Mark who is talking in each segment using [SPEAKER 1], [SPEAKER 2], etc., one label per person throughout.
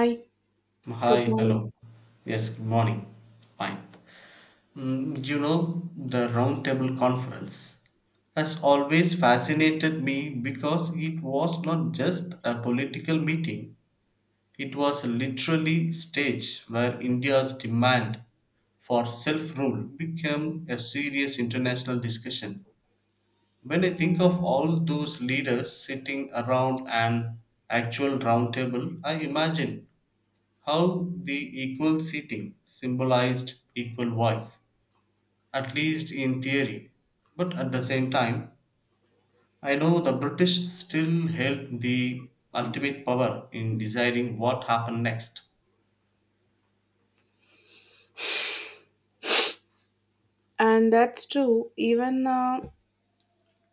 [SPEAKER 1] Hi, good
[SPEAKER 2] Hi,
[SPEAKER 1] morning.
[SPEAKER 2] hello. Yes, good morning. Fine. You know, the Roundtable Conference has always fascinated me because it was not just a political meeting, it was literally stage where India's demand for self-rule became a serious international discussion. When I think of all those leaders sitting around an actual round table, I imagine how the equal seating symbolized equal voice, at least in theory, but at the same time, I know the British still held the ultimate power in deciding what happened next.
[SPEAKER 1] And that's true. Even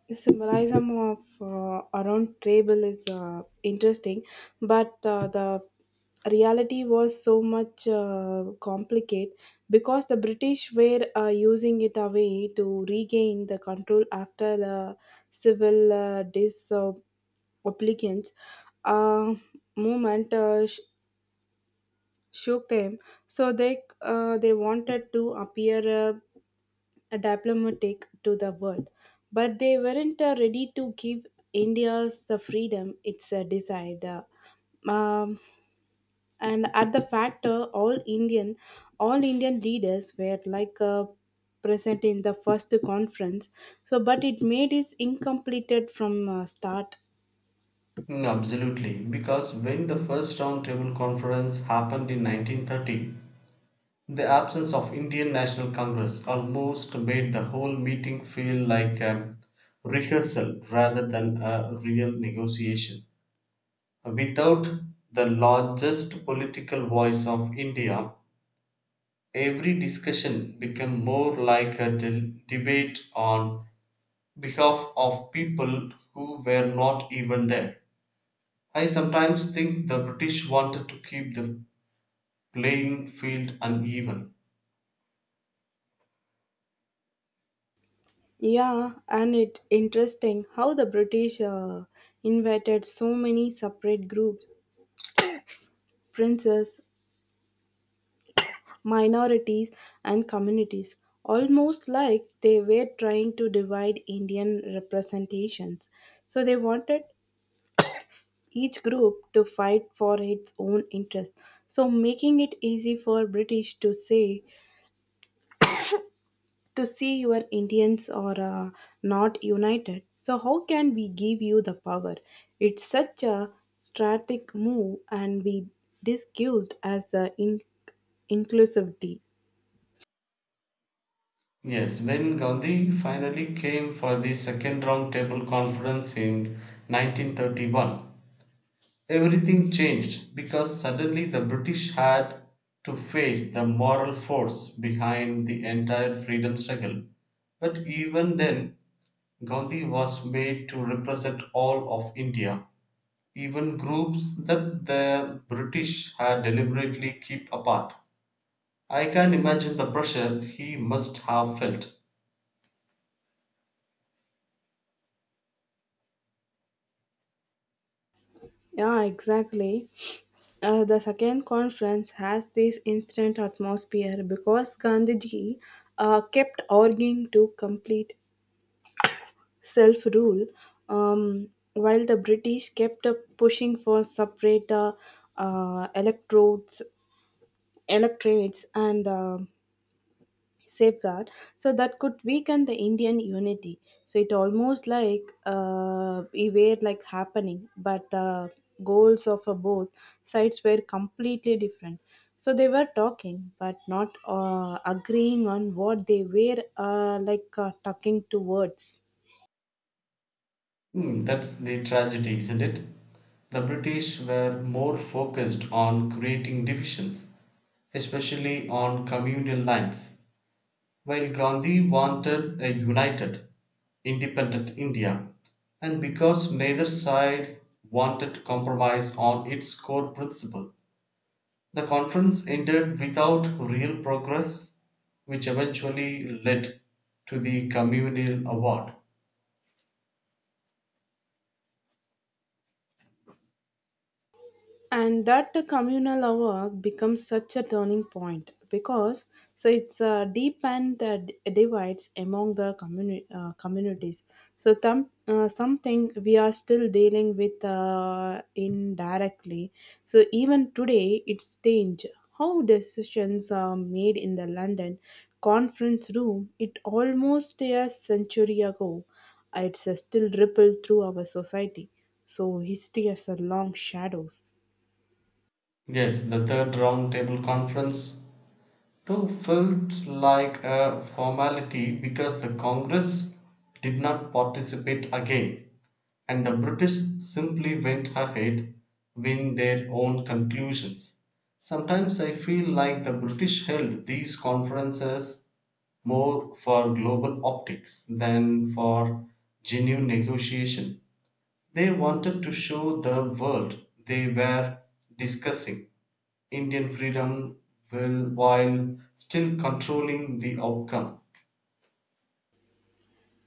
[SPEAKER 1] the symbolism of around table is interesting, but the reality was so much complicated because the British were using it away to regain the control after the civil disobedience uh, movement shook them. So they wanted to appear. A diplomatic to the world, but they weren't ready to give India's the freedom it's desired. Um, and at the factor, all Indian leaders were like present in the first conference. So, but it made it incompleted from start.
[SPEAKER 2] Mm, absolutely, because when the first round table conference happened in 1930, the absence of Indian National Congress almost made the whole meeting feel like a rehearsal rather than a real negotiation. Without the largest political voice of India, every discussion became more like a debate on behalf of people who were not even there. I sometimes think the British wanted to keep the playing field uneven.
[SPEAKER 1] Yeah, and it interesting how the British invited so many separate groups, princes, minorities, and communities, almost like they were trying to divide Indian representations. So they wanted each group to fight for its own interests. So making it easy for British to see your Indians are not united. So how can we give you the power? It's such a strategic move and be discussed as inclusivity.
[SPEAKER 2] Yes, when Gandhi finally came for the second round table conference in 1931, everything changed because suddenly the British had to face the moral force behind the entire freedom struggle. But even then, Gandhi was made to represent all of India, even groups that the British had deliberately kept apart. I can imagine the pressure he must have felt.
[SPEAKER 1] Yeah, exactly. The second conference has this instant atmosphere because Gandhiji kept arguing to complete self rule, um, while the British kept pushing for separate uh, electrodes, electorates and safeguard so that could weaken the Indian unity. So it almost like we were like happening, but the goals of both sides were completely different. So they were talking but not agreeing on what they were like talking towards.
[SPEAKER 2] Hmm, that's the tragedy, isn't it? The British were more focused on creating divisions, especially on communal lines, while Gandhi wanted a united, independent India, and because neither side wanted compromise on its core principle. The conference ended without real progress, which eventually led to the communal award.
[SPEAKER 1] And that the communal work becomes such a turning point because so it's deepened the divides among the communities. So something we are still dealing with indirectly. So even today it's strange how decisions are made in the London conference room, it almost a century ago, it's still rippled through our society. So history has a long shadows.
[SPEAKER 2] Yes, the third roundtable conference, though, felt like a formality because the Congress did not participate again, and the British simply went ahead with their own conclusions. Sometimes I feel like the British held these conferences more for global optics than for genuine negotiation. They wanted to show the world they were discussing Indian freedom will, while still controlling the outcome.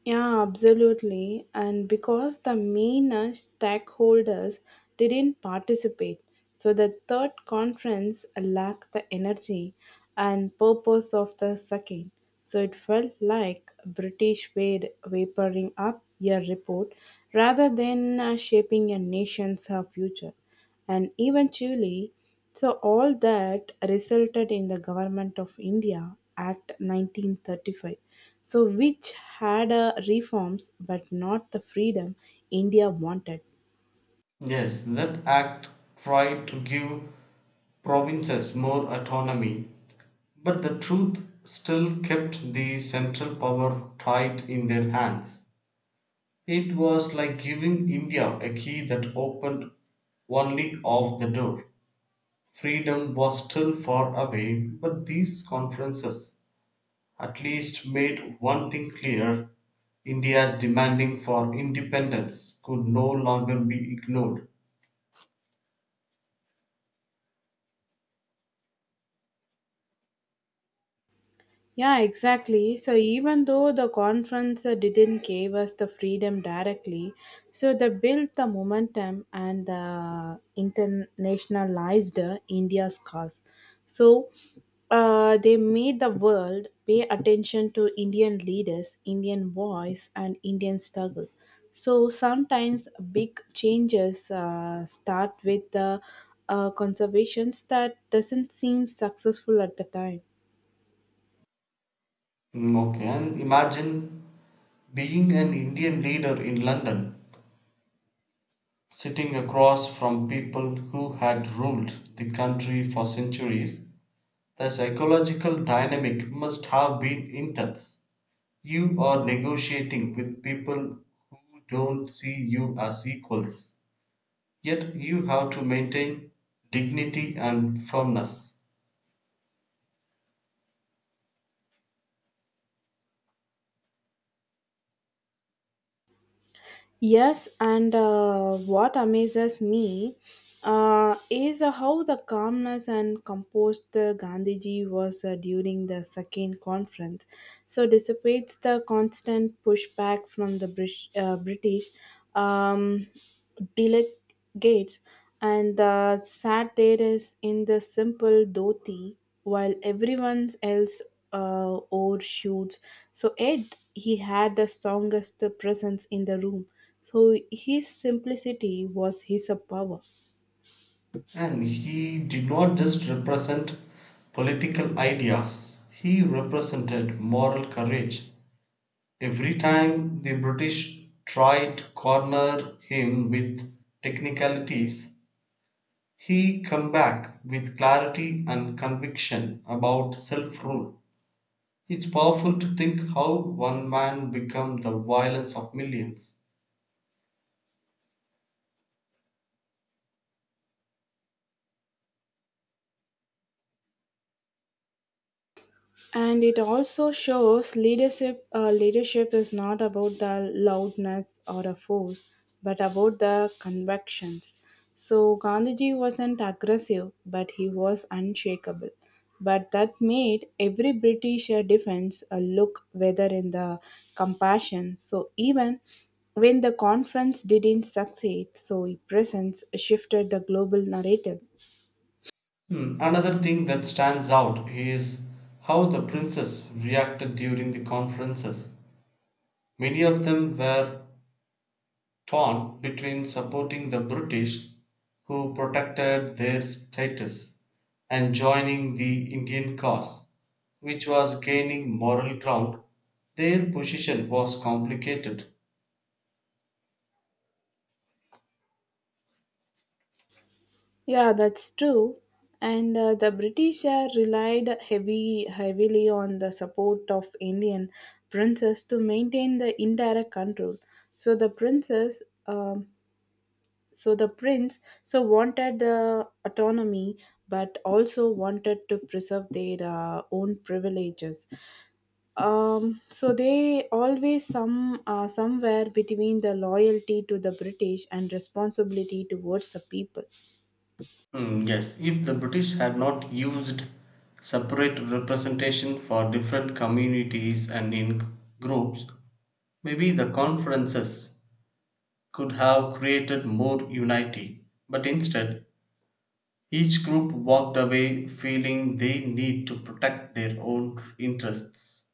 [SPEAKER 1] Yeah, absolutely. And because the main stakeholders didn't participate, so the third conference lacked the energy and purpose of the second. So it felt like British were vaporing up your report rather than shaping a nation's future and even Chile. So, all that resulted in the Government of India Act 1935. So, which had reforms but not the freedom India wanted.
[SPEAKER 2] Yes, that act tried to give provinces more autonomy, but the truth still kept the central power tight in their hands. It was like giving India a key that opened only half the door. Freedom was still far away, but these conferences at least made one thing clear: India's demanding for independence could no longer be ignored.
[SPEAKER 1] Yeah, exactly. So even though the conference didn't give us the freedom directly, so they built the momentum and the internationalized India's cause. So they made the world pay attention to Indian leaders, Indian voice, and Indian struggle. So sometimes big changes start with the conservations that doesn't seem successful at the time.
[SPEAKER 2] Mm, okay, and imagine being an Indian leader in London sitting across from people who had ruled the country for centuries, the psychological dynamic must have been intense. You are negotiating with people who don't see you as equals, yet you have to maintain dignity and firmness.
[SPEAKER 1] Yes, and what amazes me is how the calmness and composed Gandhiji was during the second conference. So dissipates the constant pushback from the British um, gates, and the sad there is in the simple dhoti, while everyone else overshoots. So Ed, he had the strongest presence in the room. So his simplicity was his power.
[SPEAKER 2] And he did not just represent political ideas, he represented moral courage. Every time the British tried to corner him with technicalities, he came back with clarity and conviction about self rule. It's powerful to think how one man became the violence of millions.
[SPEAKER 1] And it also shows leadership is not about the loudness or a force but about the convictions. So Gandhiji wasn't aggressive but he was unshakable, but that made every British defense a look whether in the compassion. So even when the conference didn't succeed, so his presence shifted the global narrative.
[SPEAKER 2] Hmm, another thing that stands out is how the princes reacted during the conferences. Many of them were torn between supporting the British, who protected their status, and joining the Indian cause, which was gaining moral ground. Their position was complicated.
[SPEAKER 1] Yeah, that's true. And the British relied heavily on the support of Indian princes to maintain the indirect control. So the princess, um, so the prince wanted autonomy, but also wanted to preserve their own privileges. So they always somewhere between the loyalty to the British and responsibility towards the people.
[SPEAKER 2] Mm, yes, if the British had not used separate representation for different communities and in groups, maybe the conferences could have created more unity. But instead, each group walked away feeling they need to protect their own interests.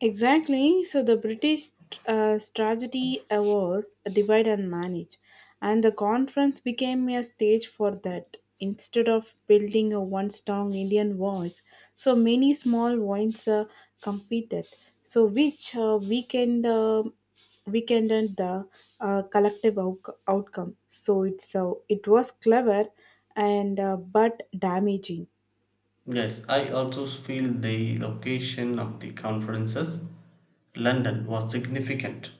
[SPEAKER 1] Exactly. So the British tragedy was divide and manage, and the conference became a stage for that. Instead of building a one strong Indian voice, so many small voices competed. So which weakened weekend the collective outcome. So it was clever and but damaging.
[SPEAKER 2] Yes, I also feel the location of the conferences, London, was significant.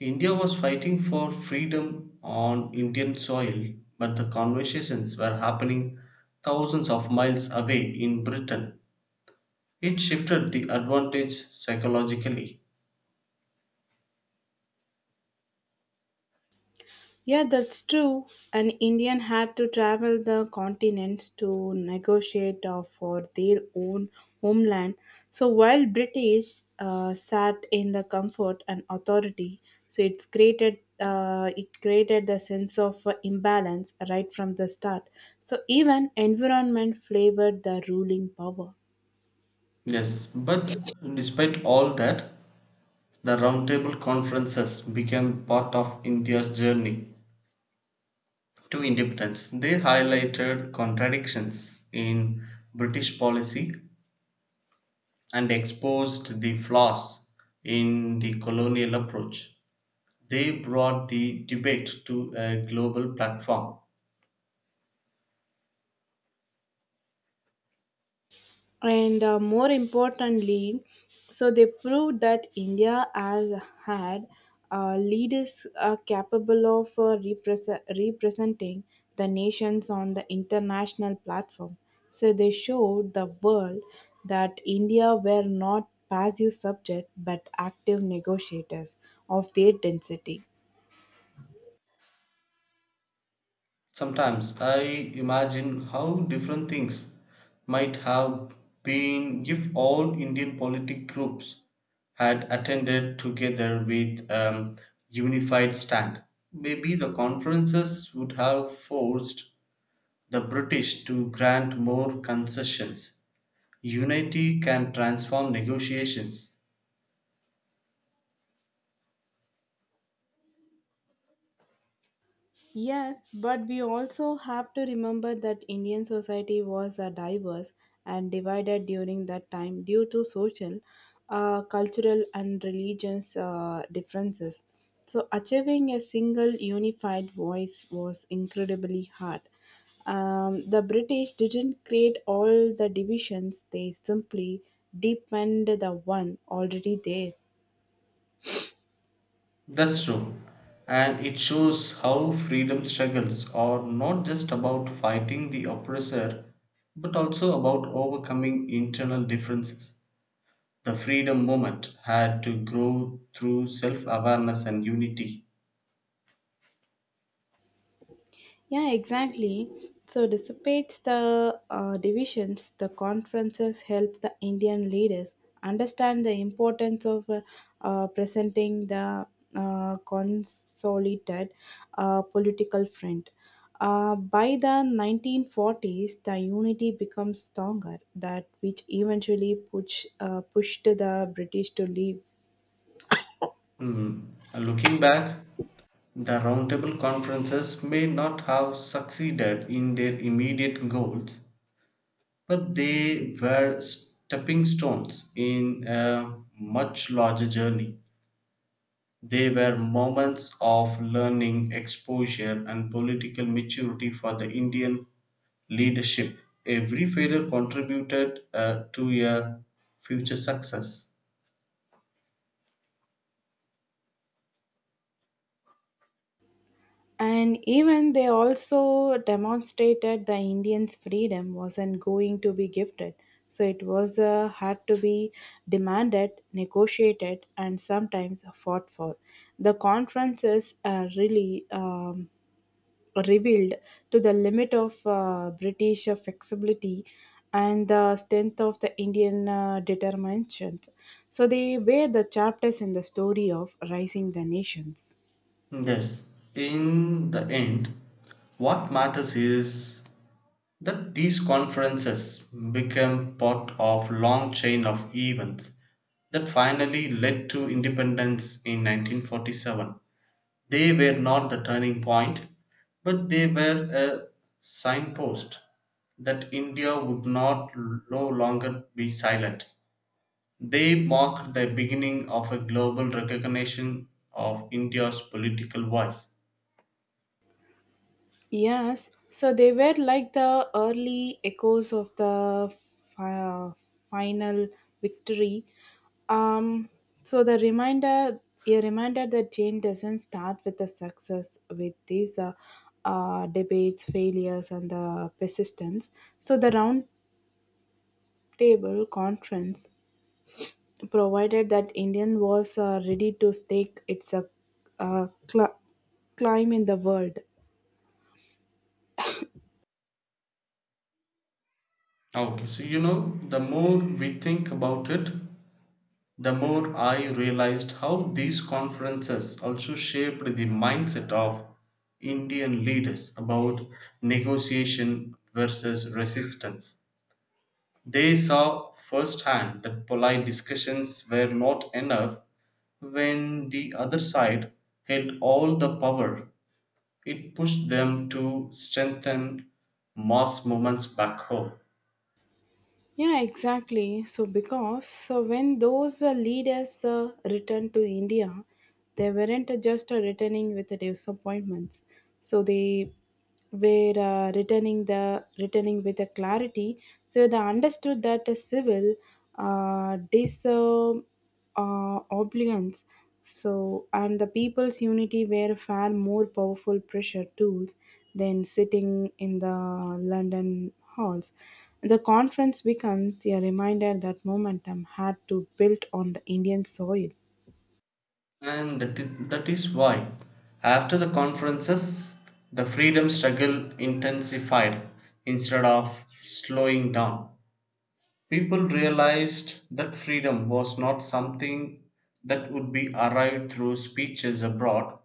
[SPEAKER 2] India was fighting for freedom on Indian soil, but the conversations were happening thousands of miles away in Britain. It shifted the advantage psychologically.
[SPEAKER 1] Yeah, that's true. An Indian had to travel the continents to negotiate for their own homeland. So while British sat in the comfort and authority, so it created the sense of imbalance right from the start. So even environment flavored the ruling power.
[SPEAKER 2] Yes, but despite all that, the Roundtable Conferences became part of India's journey to independence. They highlighted contradictions in British policy and exposed the flaws in the colonial approach. They brought the debate to a global platform.
[SPEAKER 1] And more importantly, so they proved that India has had leaders capable of representing the nations on the international platform. So they showed the world that India were not passive subject but active negotiators of their density.
[SPEAKER 2] Sometimes I imagine how different things might have been if all Indian politic groups had attended together with a unified stand. Maybe the conferences would have forced the British to grant more concessions. Unity can transform negotiations.
[SPEAKER 1] Yes, but we also have to remember that Indian society was diverse and divided during that time due to social, cultural, and religious differences. So, achieving a single unified voice was incredibly hard. The British didn't create all the divisions, they simply deepened the one already there.
[SPEAKER 2] That's true. And it shows how freedom struggles are not just about fighting the oppressor, but also about overcoming internal differences. The freedom movement had to grow through self awareness and unity.
[SPEAKER 1] Yeah, exactly. So, despite the divisions, the conferences help the Indian leaders understand the importance of presenting the consolidated political front. By the 1940s, the unity becomes stronger, that which eventually pushed the British to leave.
[SPEAKER 2] Hmm. Looking back, the roundtable conferences may not have succeeded in their immediate goals, but they were stepping stones in a much larger journey. They were moments of learning, exposure, and political maturity for the Indian leadership. Every failure contributed to a future success.
[SPEAKER 1] And even they also demonstrated the Indians' freedom wasn't going to be gifted. So it was had to be demanded, negotiated, and sometimes fought for. The conferences really revealed to the limit of British flexibility and the strength of the Indian determinations. So they were the chapters in the story of rising the nations.
[SPEAKER 2] Yes, in the end, what matters is that these conferences became part of long chain of events that finally led to independence in 1947. They were not the turning point, but they were a signpost that India would not no longer be silent. They marked the beginning of a global recognition of India's political voice.
[SPEAKER 1] Yes, so they were like the early echoes of the fi- final victory. Um, so the reminder, a reminder that Jane doesn't start with the success with these debates, failures, and the persistence. So the round table conference provided that Indian was ready to stake its uh, cl- climb in the world.
[SPEAKER 2] Okay, so you know, the more we think about it, the more I realized how these conferences also shaped the mindset of Indian leaders about negotiation versus resistance. They saw firsthand that polite discussions were not enough when the other side held all the power. It pushed them to strengthen mass movements back home.
[SPEAKER 1] Yeah, exactly. So, because so when those leaders returned to India, they weren't just returning with the disappointments. So they were returning with a clarity. So they understood that a civil dis. Obedience. So, and the people's unity were far more powerful pressure tools than sitting in the London halls. The conference becomes a reminder that momentum had to build on the Indian soil.
[SPEAKER 2] And that that is why, after the conferences, the freedom struggle intensified instead of slowing down. People realized that freedom was not something that would be arrived through speeches abroad,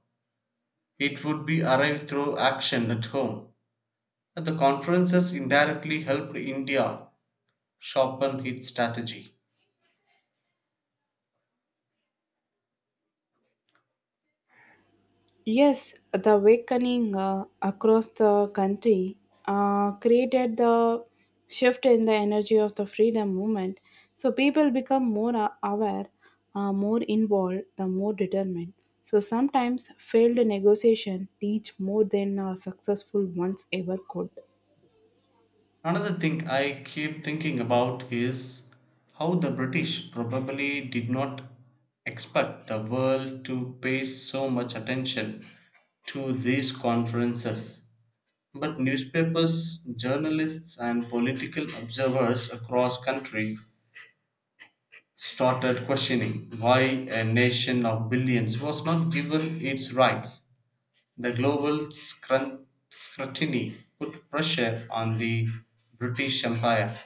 [SPEAKER 2] it would be arrived through action at home. The conferences indirectly helped India sharpen its strategy.
[SPEAKER 1] Yes, the awakening across the country created the shift in the energy of the freedom movement. So people become more aware, more involved, the more determined. So sometimes failed negotiation teach more than successful ones ever could.
[SPEAKER 2] Another thing I keep thinking about is how the British probably did not expect the world to pay so much attention to these conferences. But newspapers, journalists, and political observers across countries started questioning why a nation of billions was not given its rights. The scrutiny put pressure on the British Empire,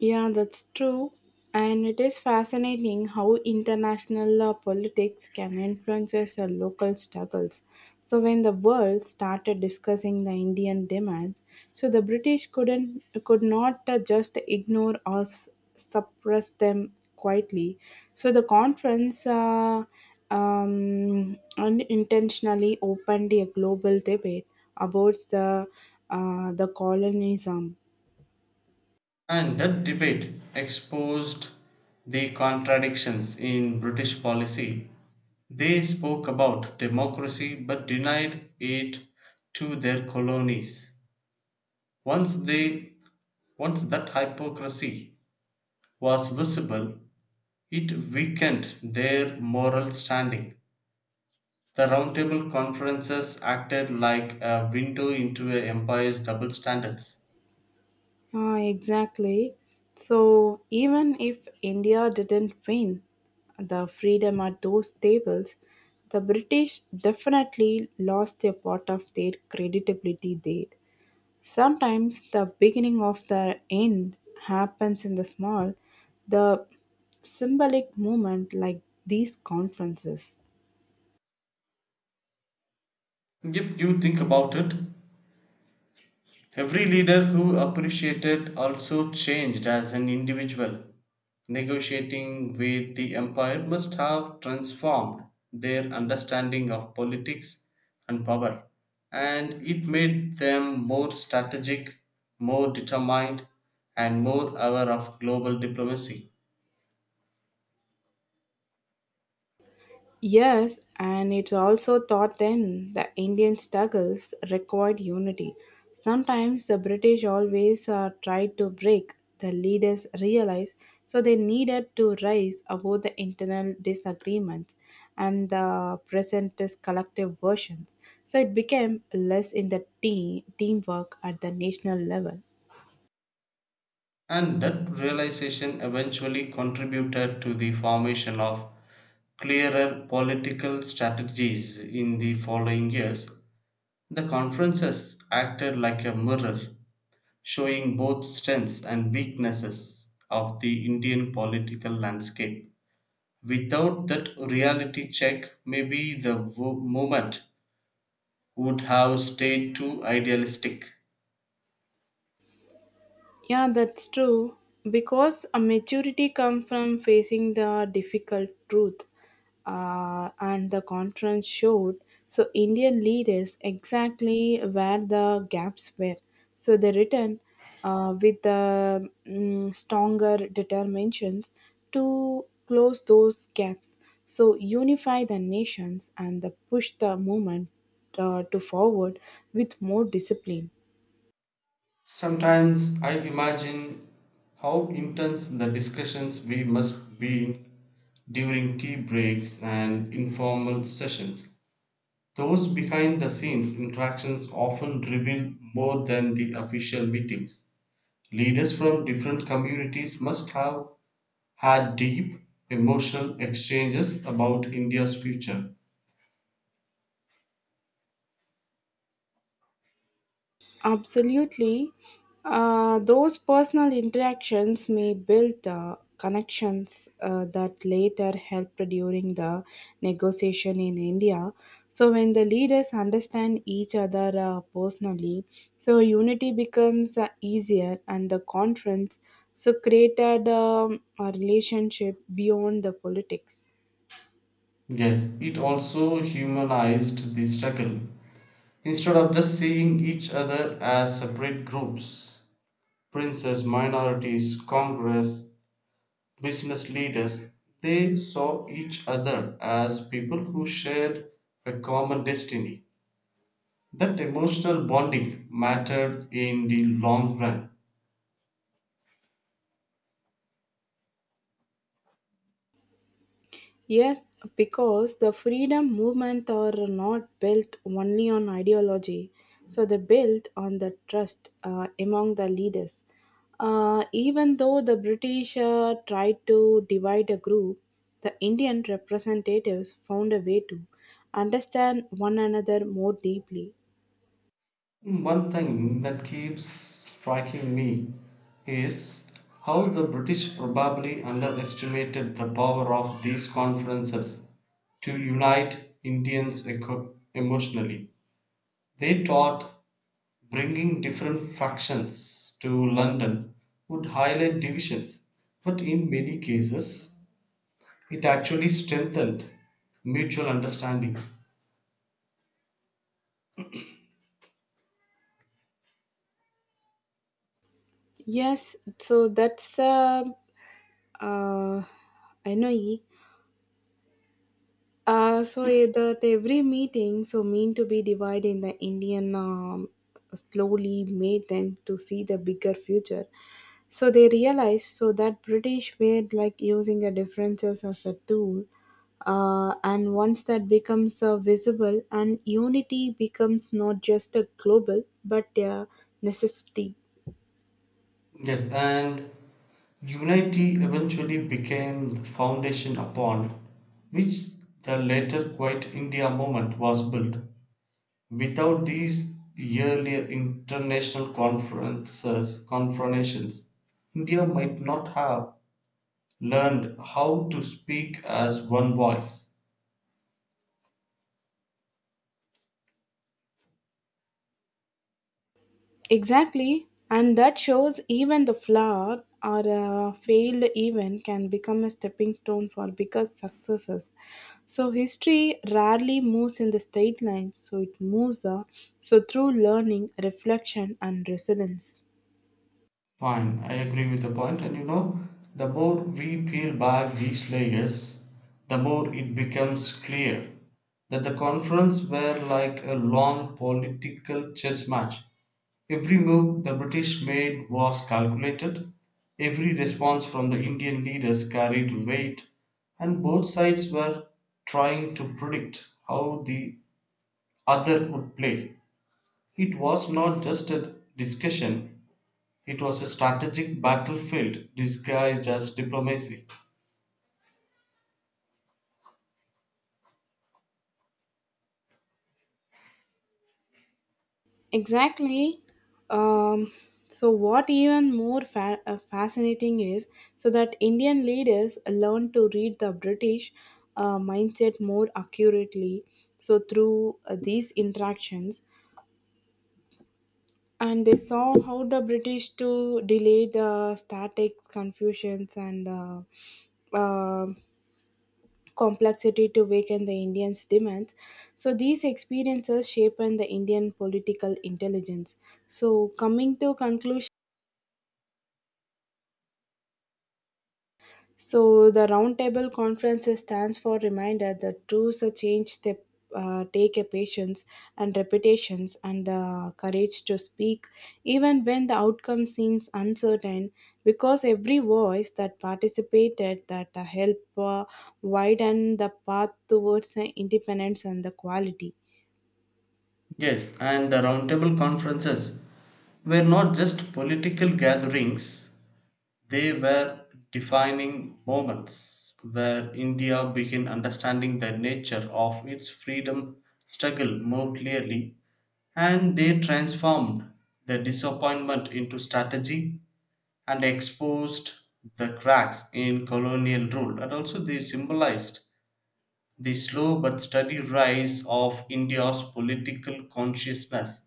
[SPEAKER 1] Yeah, that's true. And it is fascinating how international politics can influence local struggles. So when the world started discussing the Indian demands, so the British could not just ignore or suppress them quietly. So the conference unintentionally opened a global debate about the colonialism.
[SPEAKER 2] and that debate exposed the contradictions in British policy. They spoke about democracy but denied it to their colonies. Once they once that hypocrisy was visible, it weakened their moral standing. The Roundtable Conferences acted like a window into a empire's double standards.
[SPEAKER 1] Ah, exactly. So even if India didn't win the freedom at those tables, the British definitely lost a part of their credibility there. Sometimes the beginning of the end happens in the symbolic moment like these conferences.
[SPEAKER 2] If you think about it, every leader who appreciated also changed as an individual. Negotiating with the empire must have transformed their understanding of politics and power, and it made them more strategic, more determined, and more aware of global diplomacy.
[SPEAKER 1] Yes, and it's also thought then the Indian struggles required unity. Sometimes the British always tried to break, the leaders realized, so they needed to rise above the internal disagreements and the presentist collective versions. So it became less in teamwork at the national level.
[SPEAKER 2] And that realization eventually contributed to the formation of clearer political strategies in the following years. The conferences acted like a mirror, showing both strengths and weaknesses of the Indian political landscape. Without that reality check, maybe the movement would have stayed too idealistic.
[SPEAKER 1] Yeah, that's true. Because a maturity comes from facing the difficult truth, and the conference showed. So Indian leaders exactly where the gaps were. So they returned with the stronger determinations to close those gaps. So unify the nations and the push the movement to forward with more discipline.
[SPEAKER 2] Sometimes I imagine how intense the discussions we must be in during tea breaks and informal sessions. Those behind the scenes interactions often reveal more than the official meetings. Leaders from different communities must have had deep emotional exchanges about India's future.
[SPEAKER 1] Absolutely. Those personal interactions may build connections that later help during the negotiation in India. So, when the leaders understand each other personally, so unity becomes easier, and the conference so created a relationship beyond the politics.
[SPEAKER 2] Yes, it also humanized the struggle. Instead of just seeing each other as separate groups, princes, minorities, Congress, business leaders, they saw each other as people who shared a common destiny. That emotional bonding mattered in the long run.
[SPEAKER 1] Yes, because the freedom movement are not built only on ideology, so they built on the trust among the leaders. Even though the British tried to divide a group, the Indian representatives found a way to understand one another more deeply.
[SPEAKER 2] One thing that keeps striking me is how the British probably underestimated the power of these conferences to unite Indians emotionally. They thought bringing different factions to London would highlight divisions, but in many cases, it actually strengthened mutual understanding.
[SPEAKER 1] Yes, so that's uh, I know. So that every meeting so mean to be divided in the Indian slowly made them to see the bigger future. So they realized so that British were like using the differences as a tool, and once that becomes visible, and unity becomes not just a global but a necessity.
[SPEAKER 2] Yes, and unity eventually became the foundation upon which the later Quit India movement was built. Without these earlier international conferences, confrontations, India might not have learned how to speak as one voice.
[SPEAKER 1] Exactly, and that shows even the flawed or a failed event can become a stepping stone for bigger successes. So history rarely moves in the straight lines, so it moves so through learning, reflection, and resilience.
[SPEAKER 2] Fine, I agree with the point, and you know, the more we peel back these layers, the more it becomes clear that the conference were like a long political chess match. Every move the British made was calculated, every response from the Indian leaders carried weight, and both sides were trying to predict how the other would play. It was not just a discussion, it was a strategic battlefield disguised as diplomacy.
[SPEAKER 1] Exactly. Um, what even more fascinating is so that Indian leaders learned to read the British mindset more accurately. So, through these interactions, and they saw how the British to delay the static confusions and uh, complexity to weaken the Indians' demands. So these experiences shapen the Indian political intelligence. So coming to conclusion, so the Roundtable Conference stands for reminder that truths are changed. They take a patience and reputations and the courage to speak, even when the outcome seems uncertain, because every voice that participated that help widen the path towards independence and the quality.
[SPEAKER 2] Yes, and the roundtable conferences were not just political gatherings, they were defining moments where India began understanding the nature of its freedom struggle more clearly, and they transformed the disappointment into strategy and exposed the cracks in colonial rule, and also they symbolized the slow but steady rise of India's political consciousness.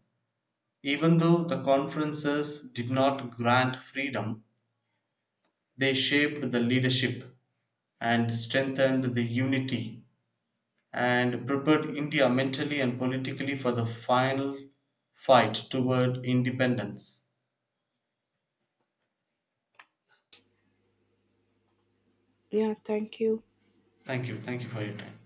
[SPEAKER 2] Even though the conferences did not grant freedom, they shaped the leadership and strengthened the unity and prepared India mentally and politically for the final fight toward independence.
[SPEAKER 1] Yeah, thank you.
[SPEAKER 2] Thank you. Thank you for your time.